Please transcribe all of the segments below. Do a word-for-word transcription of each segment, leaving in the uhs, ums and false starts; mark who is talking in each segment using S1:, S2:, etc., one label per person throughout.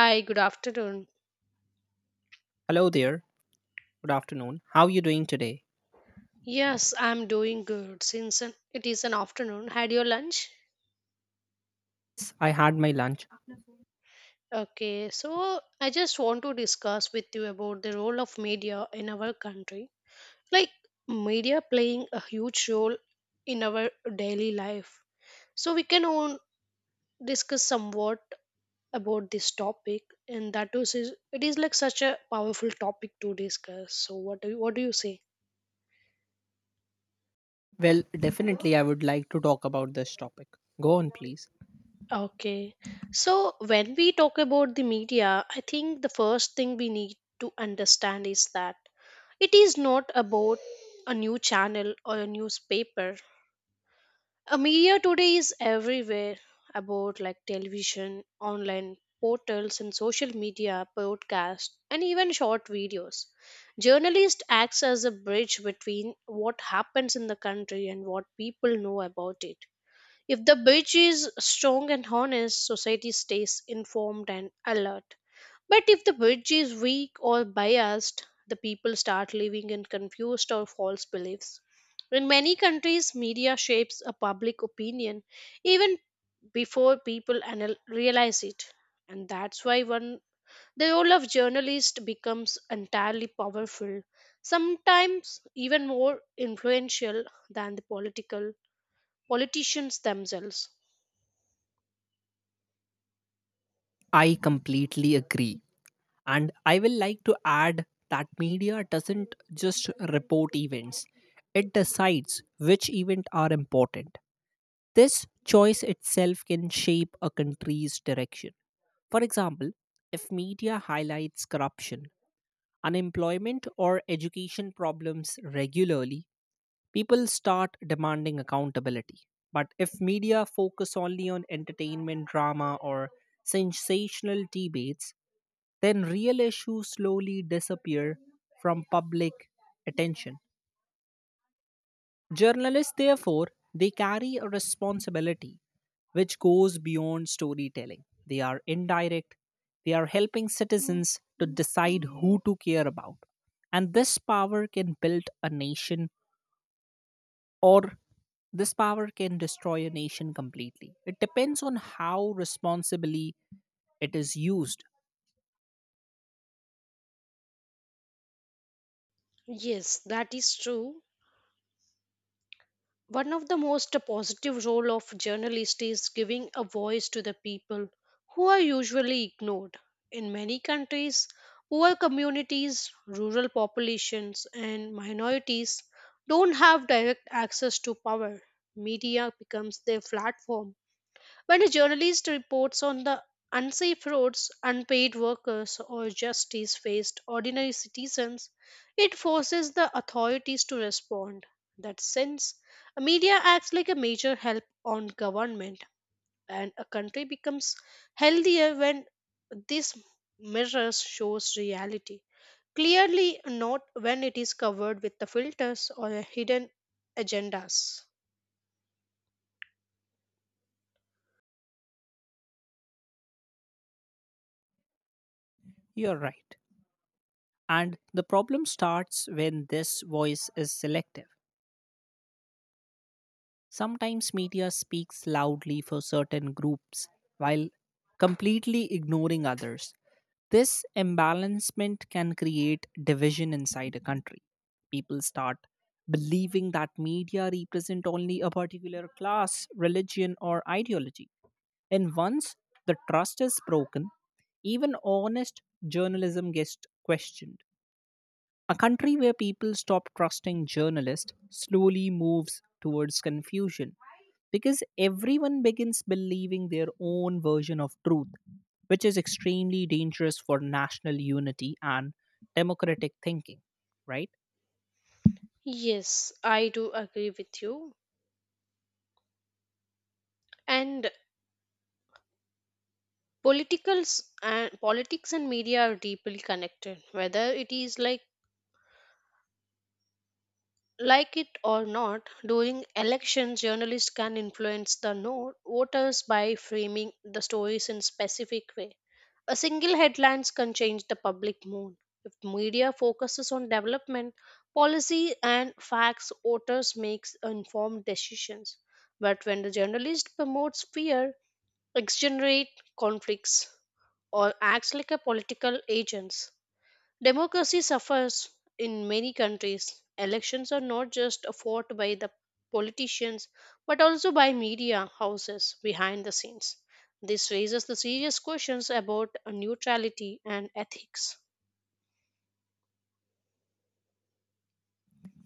S1: Hi, good afternoon.
S2: Hello there. Good afternoon. How are you doing today?
S1: Yes, I'm doing good since an- it is an afternoon. Had your lunch?
S2: Yes, I had my lunch.
S1: Okay, so I just want to discuss with you about the role of media in our country. Like, media playing a huge role in our daily life. So we can all discuss somewhat about this topic, and that is, it is like such a powerful topic to discuss. So what do you, what do you say?
S2: Well, definitely I would like to talk about this topic. Go on, please.
S1: Okay. So when we talk about the media, I think the first thing we need to understand is that it is not about a new channel or a newspaper. A media today is everywhere about like television, online portals and social media, podcasts, and even short videos. Journalist acts as a bridge between what happens in the country and what people know about it if the bridge is strong and honest, society stays informed and alert. But if the bridge is weak or biased, the people start living in confused or false beliefs. In many countries, media shapes a public opinion even before people anal- realize it. And that's why one the role of journalist becomes entirely powerful, sometimes even more influential than the political politicians themselves.
S2: I completely agree. And I will like to add that media doesn't just report events. It decides which events are important. This choice itself can shape a country's direction. For example, if media highlights corruption, unemployment, or education problems regularly, people start demanding accountability. But if media focus only on entertainment, drama, or sensational debates, then real issues slowly disappear from public attention. Journalists, therefore, they carry a responsibility which goes beyond storytelling. They are indirect, they are helping citizens to decide who to care about. And this power can build a nation or this power can destroy a nation completely. It depends on how responsibly it is used.
S1: Yes, that is true. One of the most positive role of journalist is giving a voice to the people who are usually ignored. In many countries, poor communities, rural populations and minorities don't have direct access to power. Media becomes their platform when a journalist reports on the unsafe roads, unpaid workers, or justice faced ordinary citizens, it forces the authorities to respond. That sense, a media acts like a major help on government, and a country becomes healthier when this mirrors shows reality. Clearly, not when it is covered with the filters or hidden agendas.
S2: You're right. And the problem starts when this voice is selective. Sometimes media speaks loudly for certain groups while completely ignoring others. This imbalancement can create division inside a country. People start believing that media represent only a particular class, religion, or ideology. And once the trust is broken, even honest journalism gets questioned. A country where people stop trusting journalists slowly moves towards confusion because everyone begins believing their own version of truth, which is extremely dangerous for national unity and democratic thinking, right?
S1: Yes, I do agree with you. And politicals and politics and media are deeply connected whether it is like like it or not during elections journalists can influence the no- voters by framing the stories in specific way a single headlines can change the public mood if media focuses on development policy and facts voters makes informed decisions but when the journalist promotes fear exaggerate conflicts or acts like a political agents Democracy suffers in many countries. Elections are not just fought by the politicians but also by media houses behind the scenes. This raises the serious questions about neutrality and ethics.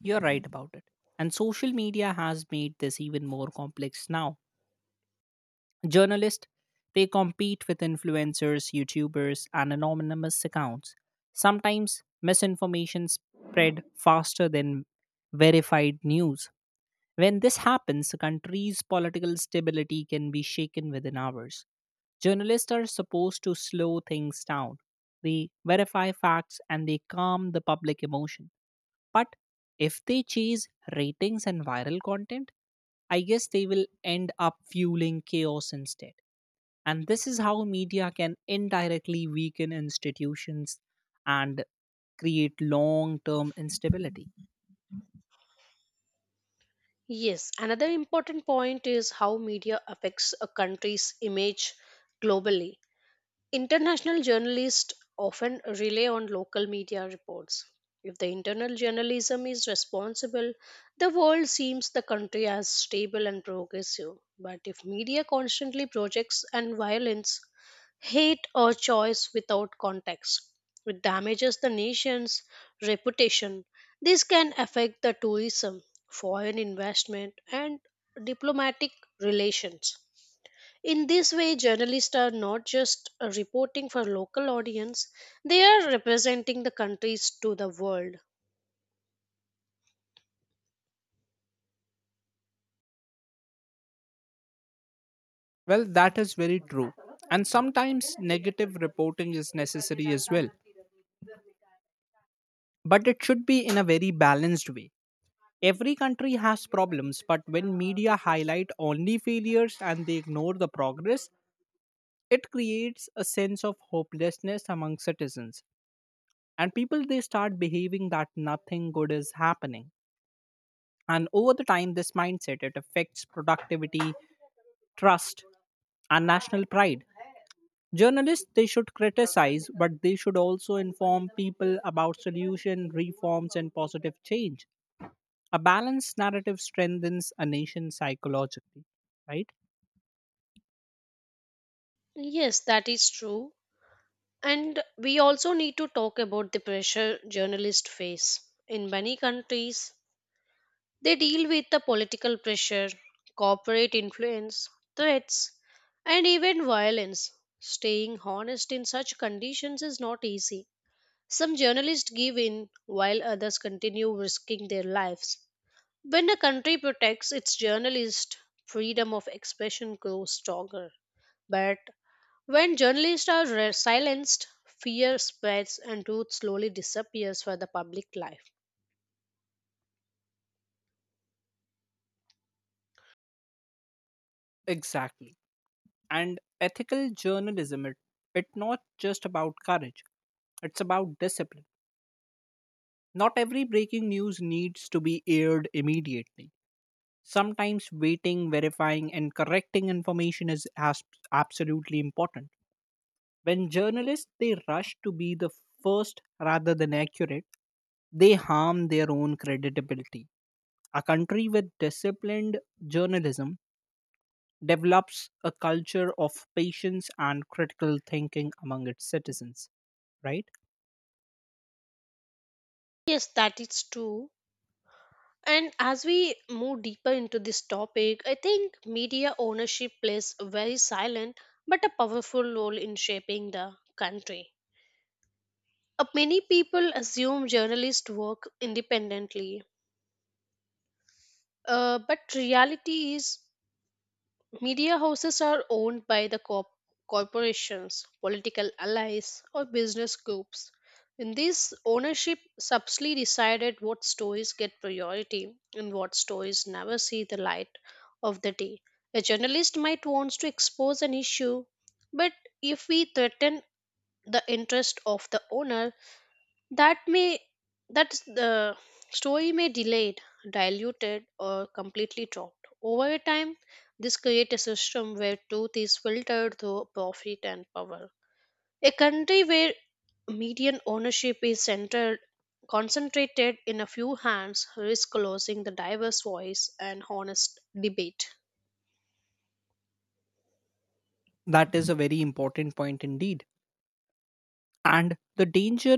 S2: You're right about it. And social media has made this even more complex now. Journalists, they compete with influencers, YouTubers, and anonymous accounts. Sometimes misinformation spread faster than verified news. When this happens, a country's political stability can be shaken within hours. Journalists are supposed to slow things down. They verify facts and they calm the public emotion. But if they chase ratings and viral content, I guess they will end up fueling chaos instead. And this is how media can indirectly weaken institutions and create long term instability.
S1: Yes, another important point is how media affects a country's image globally. International journalists often rely on local media reports. If the internal journalism is responsible, the world seems the country as stable and progressive. But if media constantly projects and violence, hate or choice without context, it damages the nation's reputation. This can affect the tourism, foreign investment, and diplomatic relations. In this way, journalists are not just uh, reporting for local audience, they are representing the countries to the world.
S2: Well, that is very true. And sometimes negative reporting is necessary as well. But it should be in a very balanced way. Every country has problems, but when media highlight only failures and they ignore the progress, it creates a sense of hopelessness among citizens, and people they start behaving that nothing good is happening. And over the time, this mindset it affects productivity, trust, and national pride. Journalists they should criticize, but they should also inform people about solution, reforms, and positive change. A balanced narrative strengthens a nation psychologically, right?
S1: Yes, that is true. And we also need to talk about the pressure journalists face. In many countries, they deal with the political pressure, corporate influence, threats, and even violence. Staying honest in such conditions is not easy. Some journalists give in while others continue risking their lives. When a country protects its journalists, freedom of expression grows stronger. But when journalists are re- silenced, fear spreads and truth slowly disappears for the public life.
S2: Exactly. And ethical journalism, it, it's not just about courage, it's about discipline. Not every breaking news needs to be aired immediately. Sometimes waiting, verifying, and correcting information is as- absolutely important. When journalists they rush to be the first rather than accurate, they harm their own credibility. A country with disciplined journalism develops a culture of patience and critical thinking among its citizens. Right?
S1: Yes, that is true. And as we move deeper into this topic, I think media ownership plays a very silent but a powerful role in shaping the country. Uh, many people assume journalists work independently, uh, but reality is Media houses are owned by the corp- corporations, political allies, or business groups. In this ownership, subtly decided what stories get priority and what stories never see the light of the day. A journalist might want to expose an issue, but if we threaten the interest of the owner, that may that the story may delayed diluted or completely dropped over a time this creates a system where truth is filtered through profit and power a country where median ownership is centered concentrated in a few hands risks losing the diverse voice and honest debate
S2: That is a very important point indeed. And the danger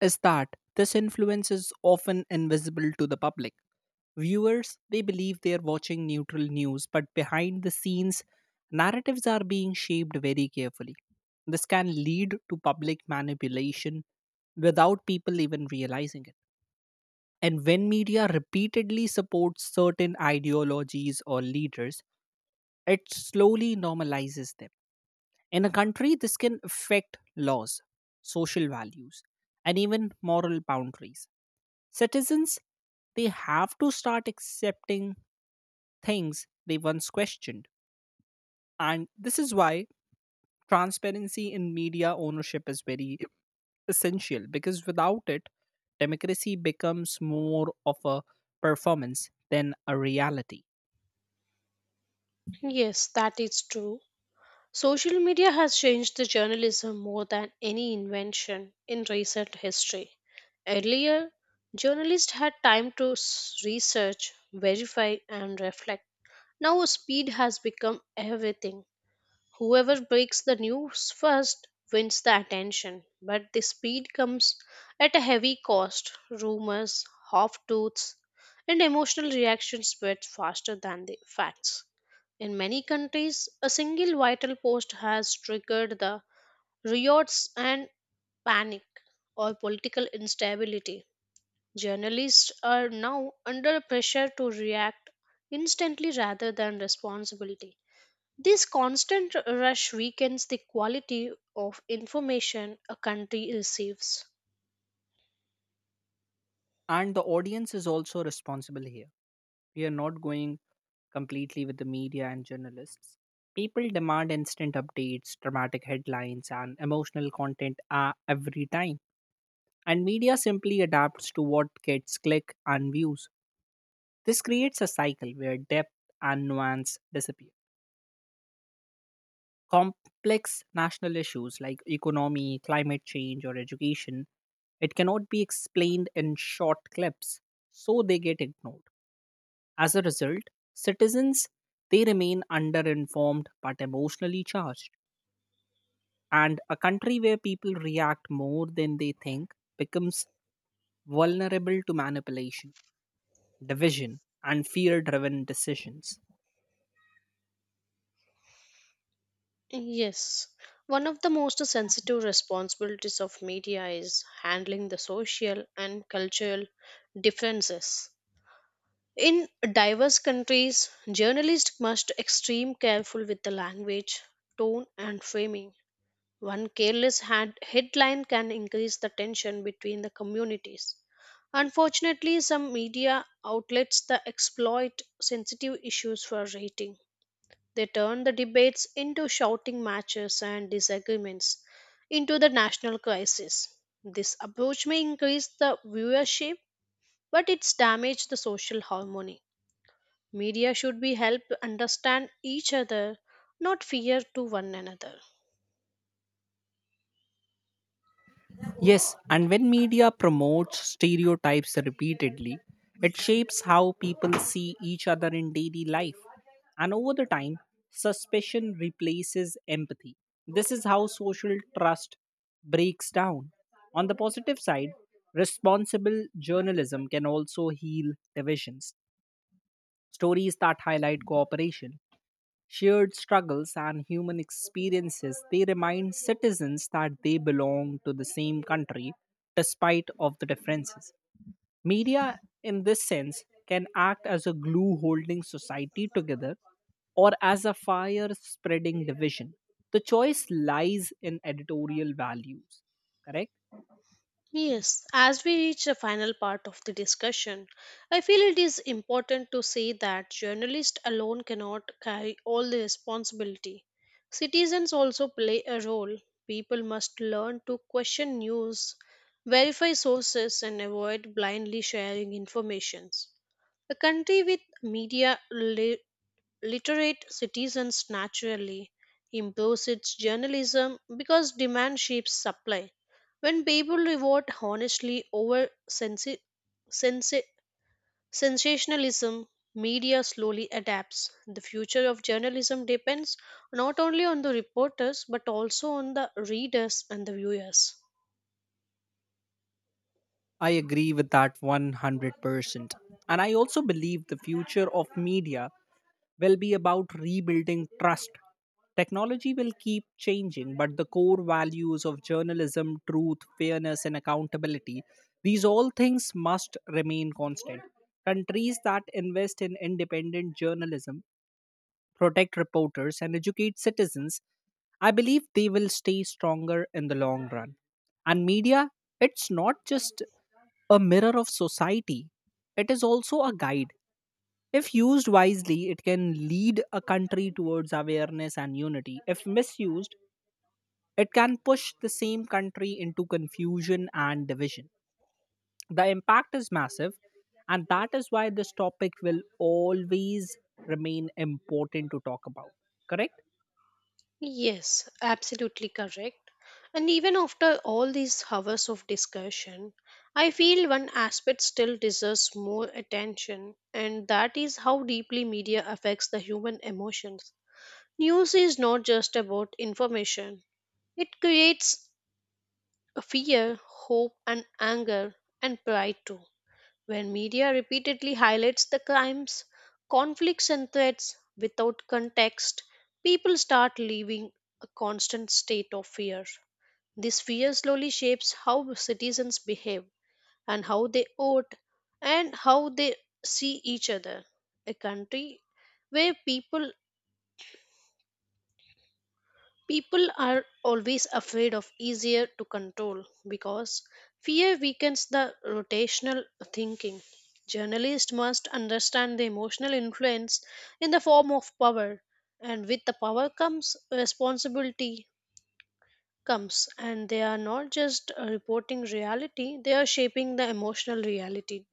S2: is that this influence is often invisible to the public. Viewers, they believe they are watching neutral news, but behind the scenes, narratives are being shaped very carefully. This can lead to public manipulation without people even realizing it. And when media repeatedly supports certain ideologies or leaders, it slowly normalizes them. In a country, this can affect laws, social values, and even moral boundaries. Citizens, they have to start accepting things they once questioned. And this is why transparency in media ownership is very essential because without it, democracy becomes more of a performance than a reality.
S1: yes that is true Social media has changed the journalism more than any invention in recent history. Earlier, journalists had time to s- research, verify, and reflect. Now, speed has become everything. Whoever breaks the news first wins the attention, but the speed comes at a heavy cost. Rumors, half truths, and emotional reactions spread faster than the facts. In many countries, a single vital post has triggered the riots and panic or political instability. Journalists are now under pressure to react instantly rather than responsibility this constant rush weakens the quality of information a country receives.
S2: And the audience is also responsible here. We are not going completely with the media and journalists. People demand instant updates, dramatic headlines, and emotional content uh, every time. And media simply adapts to what gets click and views. This creates a cycle where depth and nuance disappear. Complex national issues like economy, climate change, or education it cannot be explained in short clips, so they get ignored. As a result, citizens they remain underinformed but emotionally charged. And a country where people react more than they think becomes vulnerable to manipulation, division, and fear driven decisions.
S1: Yes, one of the most sensitive responsibilities of media is handling the social and cultural differences. In diverse countries, journalists must extreme careful with the language, tone and framing. One careless hand- headline can increase the tension between the communities. Unfortunately, some media outlets that exploit sensitive issues for rating. They turn the debates into shouting matches and disagreements into the national crisis. This approach may increase the viewership, but it's damaged the social harmony. Media should be helped to understand each other, not fear to one another.
S2: Yes, and when media promotes stereotypes repeatedly, it shapes how people see each other in daily life. And over the time, suspicion replaces empathy. This is how social trust breaks down. On the positive side, responsible journalism can also heal divisions. Stories that highlight cooperation, shared struggles, and human experiences, they remind citizens that they belong to the same country despite of the differences. Media, in this sense, can act as a glue holding society together or as a fire spreading division. The choice lies in editorial values, correct?
S1: Yes, as we reach the final part of the discussion, I feel it is important to say that journalists alone cannot carry all the responsibility. Citizens also play a role. People must learn to question news, verify sources, and avoid blindly sharing information. A country with media literate citizens naturally impose its journalism because demand shapes supply. When people reward honestly over sensi- sensi- sensationalism, media slowly adapts. The future of journalism depends not only on the reporters but also on the readers and the viewers.
S2: I agree with that one hundred percent. And I also believe the future of media will be about rebuilding trust. Technology will keep changing, but the core values of journalism, truth, fairness, and accountability, these all things must remain constant. Countries that invest in independent journalism, protect reporters, and educate citizens, I believe they will stay stronger in the long run. And media, it's not just a mirror of society, it is also a guide. If used wisely, it can lead a country towards awareness and unity. If misused, it can push the same country into confusion and division. The impact is massive, and that is why this topic will always remain important to talk about. Correct?
S1: Yes, absolutely correct. And even after all these hours of discussion, I feel one aspect still deserves more attention, and that is how deeply media affects the human emotions. News is not just about information, it creates fear, hope, and anger, and pride too when media repeatedly highlights the crimes, conflicts, and threats without context, people start living a constant state of fear. This fear slowly shapes how citizens behave and how they vote and how they see each other. A country where people people are always afraid of easier to control because fear weakens the rotational thinking. Journalists must understand the emotional influence in the form of power, and with the power comes responsibility comes and they are not just uh, reporting reality they are shaping the emotional reality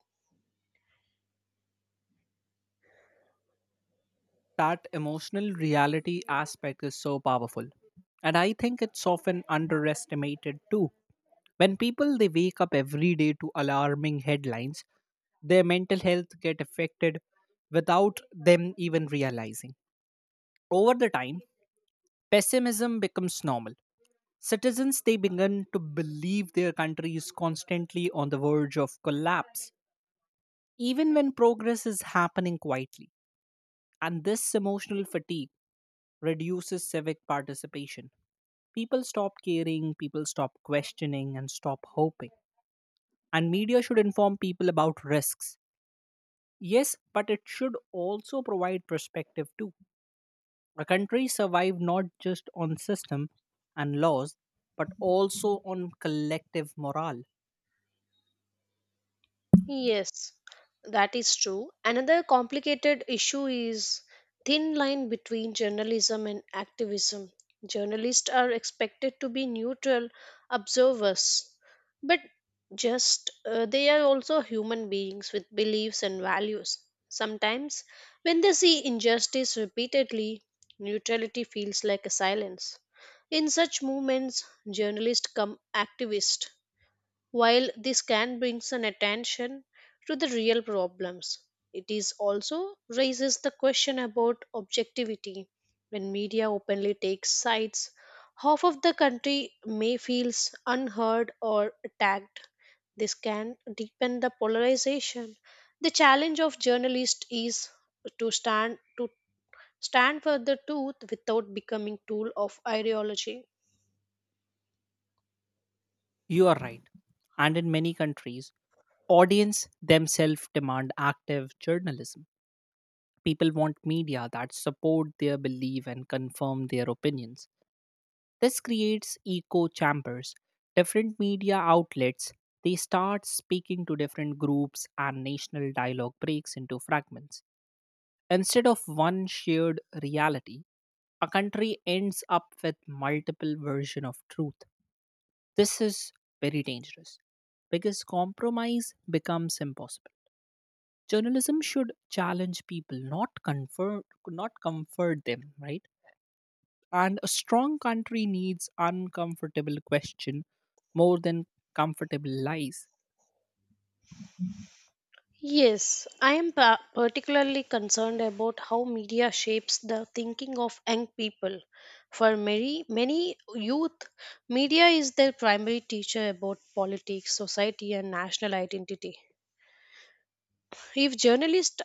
S2: That emotional reality aspect is so powerful. And I think it's often underestimated too. When people they wake up every day to alarming headlines, their mental health get affected without them even realizing. Over the time, pessimism becomes normal. Citizens they begin to believe their country is constantly on the verge of collapse, even when progress is happening quietly. And this emotional fatigue reduces civic participation. People stop caring, people stop questioning, and stop hoping. And media should inform people about risks. Yes, but it should also provide perspective too. A country survive not just on system and laws, but also on collective morale.
S1: Yes, that is true. Another complicated issue is thin line between journalism and activism. Journalists are expected to be neutral observers, but just uh, they are also human beings with beliefs and values. Sometimes, when they see injustice repeatedly, neutrality feels like a silence. In such movements, journalists come activists while this can bring an attention to the real problems, it is also raises the question about objectivity. When media openly takes sides, half of the country may feel unheard or attacked. This can deepen the polarization. The challenge of journalists is to stand to stand for the truth without becoming tool of ideology.
S2: You are right. And in many countries, audience themselves demand active journalism. People want media that support their belief and confirm their opinions. This creates echo chambers. Different media outlets they start speaking to different groups and national dialogue breaks into fragments. Instead of one shared reality, a country ends up with multiple versions of truth. This is very dangerous because compromise becomes impossible. Journalism should challenge people, not comfort, not comfort them, right? And a strong country needs uncomfortable question more than comfortable lies.
S1: Yes, I am pa- particularly concerned about how media shapes the thinking of young people. For many, many youth, media is their primary teacher about politics, society, and national identity. If journalists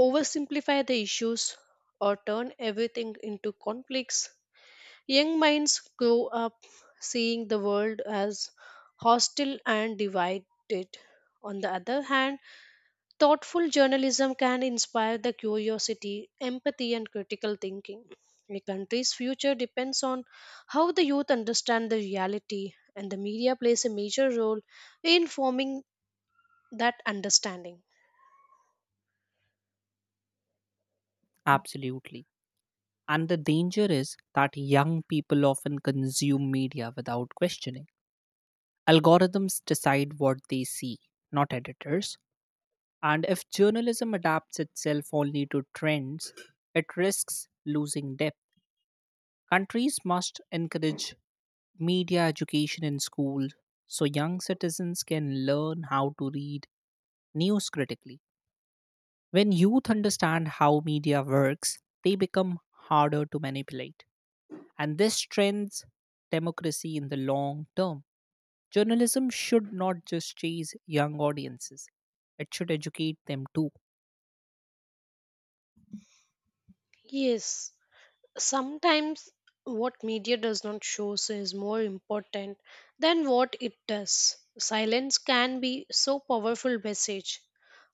S1: oversimplify the issues or turn everything into conflicts, young minds grow up seeing the world as hostile and divided. On the other hand, thoughtful journalism can inspire the curiosity, empathy, and critical thinking. A country's future depends on how the youth understand the reality, and the media plays a major role in forming that understanding.
S2: Absolutely. And the danger is that young people often consume media without questioning. Algorithms decide what they see, not editors. And if journalism adapts itself only to trends, it risks losing depth. Countries must encourage media education in schools so young citizens can learn how to read news critically. When youth understand how media works, they become harder to manipulate. And this strengthens democracy in the long term. Journalism should not just chase young audiences, it should educate them too.
S1: Yes, sometimes what media does not show is more important than what it does. Silence can be so powerful message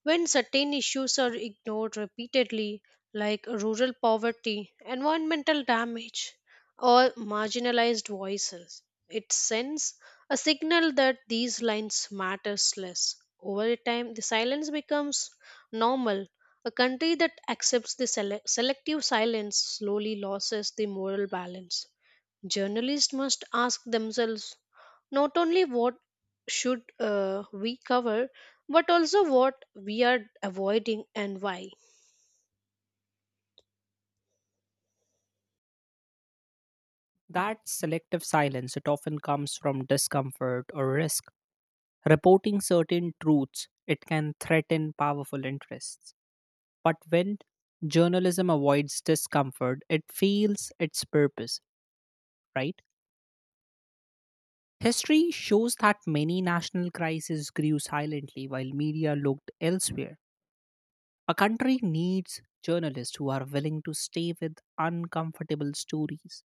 S1: When certain issues are ignored repeatedly, like rural poverty, environmental damage, or marginalized voices, it sends a signal that these lines matters less. Over time, the silence becomes normal. A country that accepts the sele- selective silence slowly loses the moral balance. Journalists must ask themselves not only what should uh, we cover but also what we are avoiding and why
S2: That selective silence, it often comes from discomfort or risk. Reporting certain truths, it can threaten powerful interests. But when journalism avoids discomfort, it feels its purpose, right? History shows that many national crises grew silently while media looked elsewhere. A country needs journalists who are willing to stay with uncomfortable stories,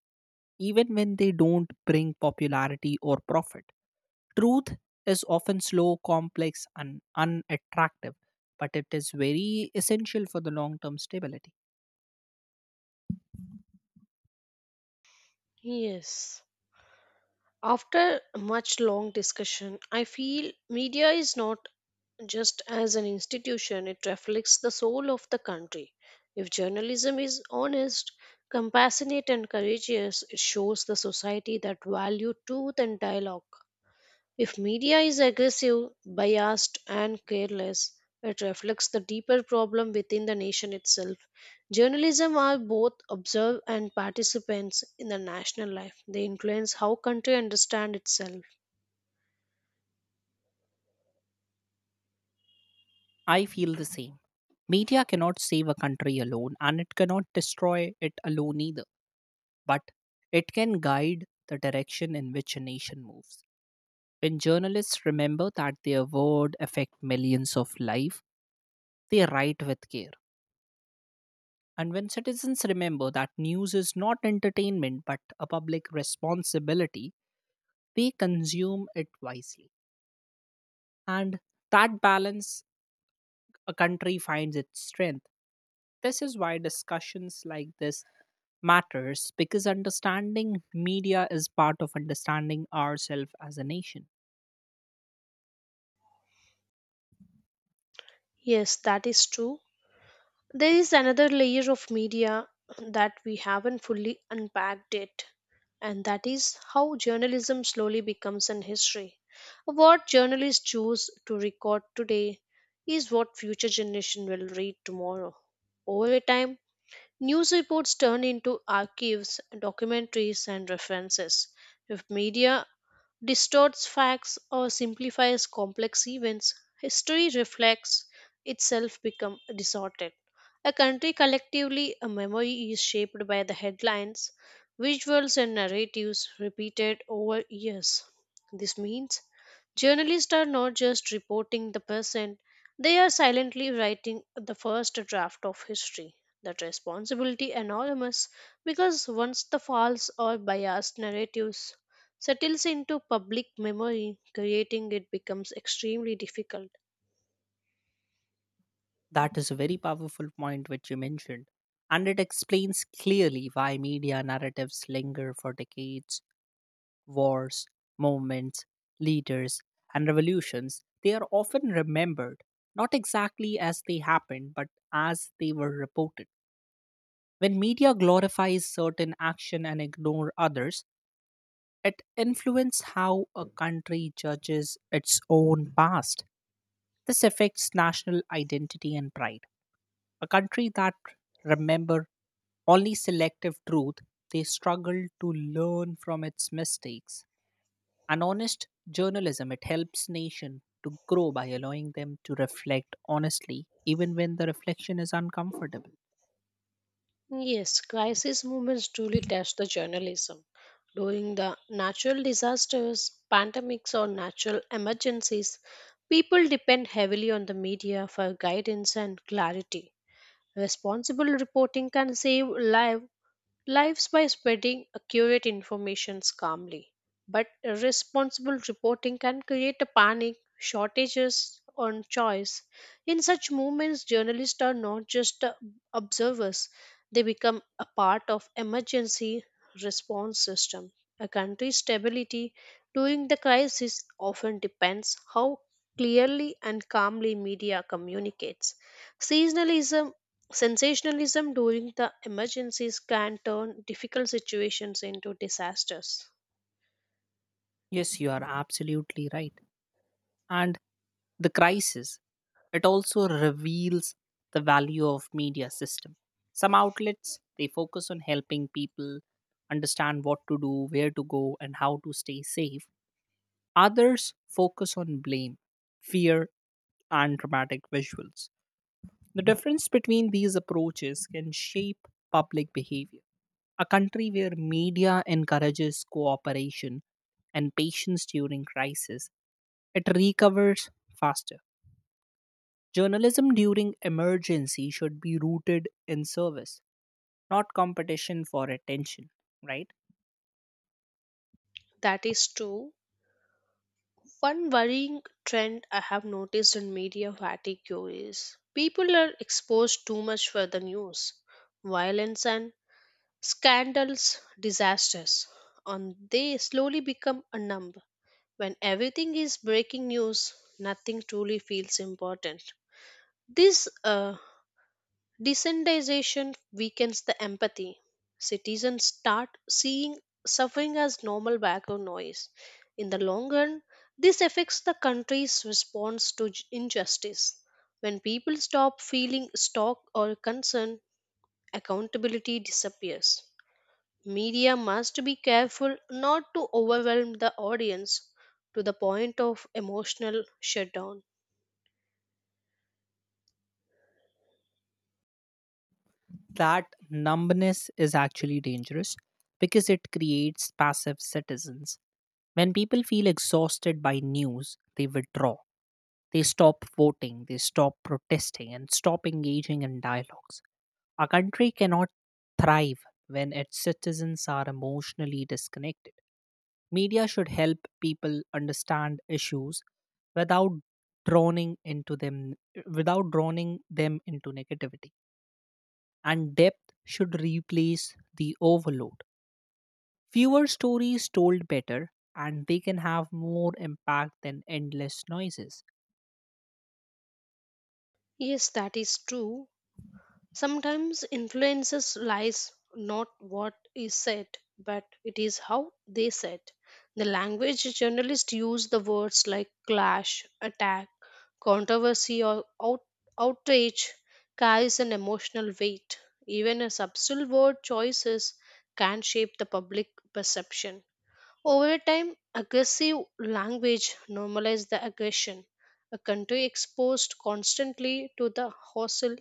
S2: even when they don't bring popularity or profit. Truth is often slow, complex, and unattractive, but it is very essential for the long term stability.
S1: yes after much long discussion I feel media is not just as an institution it reflects the soul of the country if journalism is honest compassionate and courageous it shows the society that value truth and dialogue If media is aggressive, biased, and careless, it reflects the deeper problem within the nation itself. Journalism are both observers and participants in the national life. They influence how country understand itself.
S2: I feel the same. Media cannot save a country alone, and it cannot destroy it alone either but it can guide the direction in which a nation moves. When journalists remember that their word affects millions of lives, they write with care. And when citizens remember that news is not entertainment but a public responsibility, they consume it wisely. And that balance a country finds its strength. This is why discussions like this matters because understanding media is part of understanding ourselves as a nation.
S1: Yes, that is true. There is another layer of media that we haven't fully unpacked yet, and that is how journalism slowly becomes an history. What journalists choose to record today is what future generation will read tomorrow. Over time, news reports turn into archives, documentaries, and references. If media distorts facts or simplifies complex events, history reflects itself become distorted. A country collectively a memory is shaped by the headlines, visuals and narratives repeated over years. This means journalists are not just reporting the present, they are silently writing the first draft of history. That responsibility enormous because once the false or biased narratives settles into public memory, creating it becomes extremely difficult.
S2: That is a very powerful point which you mentioned, and it explains clearly why media narratives linger for decades. Wars, movements, leaders, and revolutions, they are often remembered not exactly as they happened, but as they were reported. When media glorifies certain action and ignore others, it influences how a country judges its own past. This affects national identity and pride. A country that remember only selective truth, they struggle to learn from its mistakes. And honest journalism, it helps nation to grow by allowing them to reflect honestly, even when the reflection is uncomfortable.
S1: Yes, crisis movements truly test the journalism. During the natural disasters, pandemics, or natural emergencies, people depend heavily on the media for guidance and clarity. Responsible reporting can save lives lives by spreading accurate information calmly. But irresponsible reporting can create a panic, shortages on choice. In such moments, journalists are not just uh, observers, they become a part of emergency response system. A country's stability during the crisis often depends how clearly and calmly media communicates. Seasonalism sensationalism during the emergencies can turn difficult situations into disasters.
S2: Yes, you are absolutely right. And the crisis, it also reveals the value of media system. Some outlets, they focus on helping people understand what to do, where to go, and how to stay safe. Others focus on blame, fear, and dramatic visuals. The difference between these approaches can shape public behavior. A country where media encourages cooperation and patience during crisis, it recovers faster. Journalism during emergency should be rooted in service, not competition for attention, right?
S1: That is true. One worrying trend I have noticed in media fatigue is people are exposed too much for the news, violence, and scandals, disasters, and they slowly become a numb. When everything is breaking news, nothing truly feels important. This uh, Desensitization weakens the empathy. Citizens start seeing suffering as normal background noise. In the long run, this affects the country's response to j- injustice. When people stop feeling shock or concern, accountability disappears. Media must be careful not to overwhelm the audience to the point of emotional shutdown.
S2: That numbness is actually dangerous because it creates passive citizens. When people feel exhausted by news, they withdraw. They stop voting, they stop protesting, and stop engaging in dialogues. A country cannot thrive when its citizens are emotionally disconnected. Media should help people understand issues without drowning into them without drowning them into negativity and depth should replace the overload. Fewer stories told better, and they can have more impact than endless noises.
S1: Yes, that is true. Sometimes influences lies not what is said, but it is how they said. The language journalists use the words like clash, attack, controversy, or out- outrage carries an emotional weight. Even a subtle word choices can shape the public perception. Over time, aggressive language normalizes the aggression. A country exposed constantly to the hostile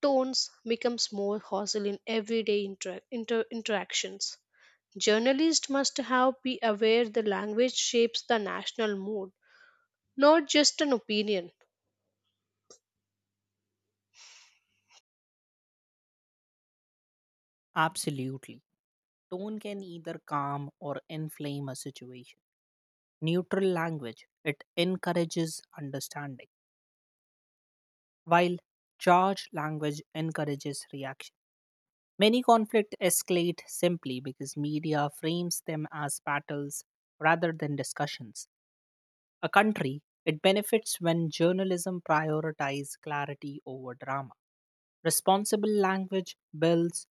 S1: tones becomes more hostile in everyday inter- inter- interactions. Journalists must have be aware the language shapes the national mood, not just an opinion.
S2: Absolutely. Tone can either calm or inflame a situation. Neutral language, it encourages understanding, while charged language encourages reaction. Many conflicts escalate simply because media frames them as battles rather than discussions. A country, it benefits when journalism prioritizes clarity over drama. Responsible language builds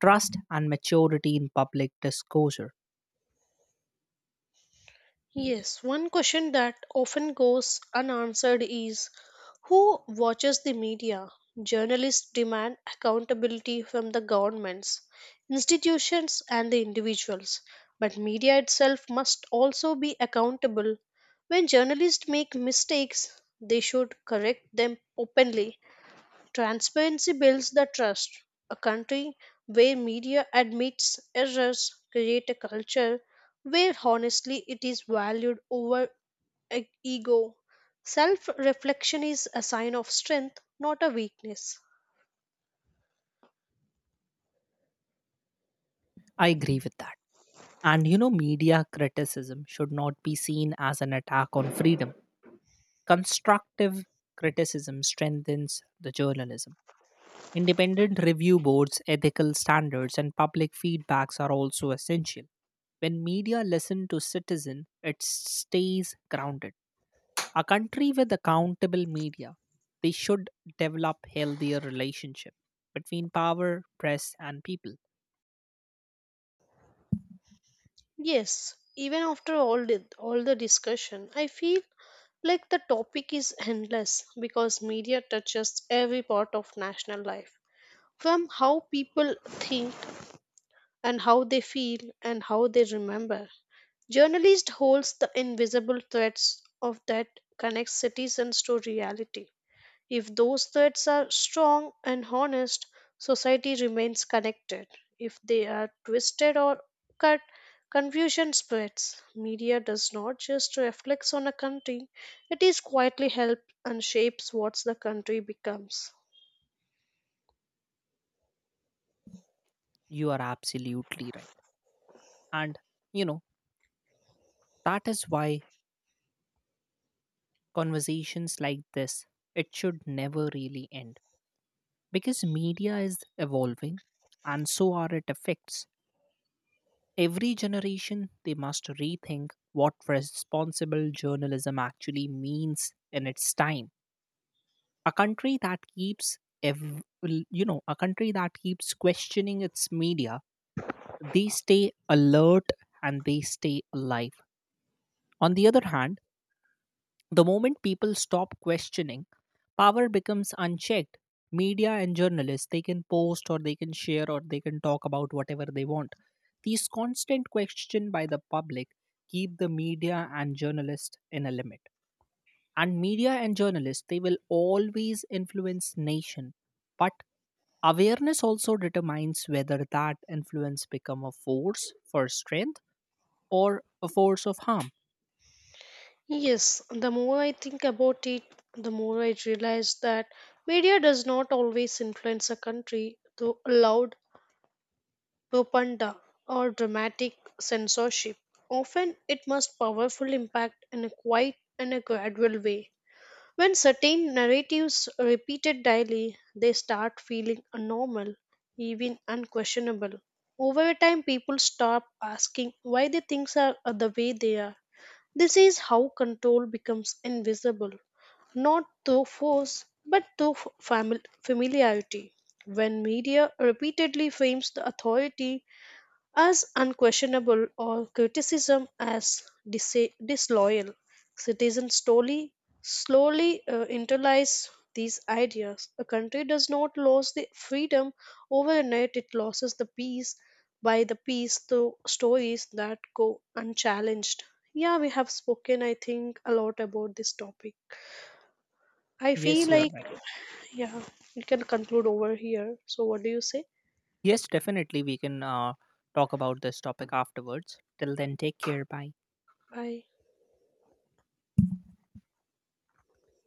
S2: trust and maturity in public disclosure.
S1: Yes, one question that often goes unanswered is who watches the media? Journalists demand accountability from the governments, institutions, and the individuals. But media itself must also be accountable. When journalists make mistakes, they should correct them openly. Transparency builds the trust. A country where media admits errors create a culture where honestly it is valued over e- ego. Self-reflection is a sign of strength, not a weakness.
S2: I agree with that. And you know, media criticism should not be seen as an attack on freedom. Constructive criticism strengthens the journalism. Independent review boards, ethical standards, and public feedbacks are also essential. When media listen to citizen, it stays grounded. A country with accountable media, they should develop healthier relationship between power, press and people.
S1: Yes, even after all the, all the discussion, I feel like the topic is endless because media touches every part of national life, from how people think and how they feel and how they remember. Journalist holds the invisible threads of that connects citizens to reality. If those threads are strong and honest, society remains connected. If they are twisted or cut, confusion spreads. Media does not just reflect on a country, it is quietly helps and shapes what the country becomes.
S2: You are absolutely right. And you know, that is why conversations like this it should never really end because media is evolving and so are its effects. Every generation they must rethink what responsible journalism actually means in its time. a country that keeps ev- you know a country that keeps questioning its media they stay alert and they stay alive. On the other hand, the moment people stop questioning power becomes unchecked. Media and journalists they can post or they can share or they can talk about whatever they want. These constant question by the public keep the media and journalists in a limit and media and journalists they will always influence nation. But awareness also determines whether that influence become a force for strength or a force of harm.
S1: Yes, the more I think about it, the more I realize that media does not always influence a country through loud propaganda or dramatic censorship. Often it must powerful impact in a quiet and a gradual way. When certain narratives are repeated daily, they start feeling normal, even unquestionable. Over time, people stop asking why the things are the way they are. This is how control becomes invisible, not through force, but through f- famil- familiarity. When media repeatedly frames the authority as unquestionable or criticism as disa- disloyal. Citizens slowly, slowly uh, internalize these ideas. A country does not lose the freedom overnight; it loses the peace by the piece through stories that go unchallenged. Yeah, we have spoken, I think, a lot about this topic. I feel
S2: Yes, you are
S1: like,
S2: right.
S1: yeah, we can conclude over here. So, what do you say?
S2: Yes, definitely we can uh, talk about this topic afterwards. Till then, take care. Bye.
S1: Bye.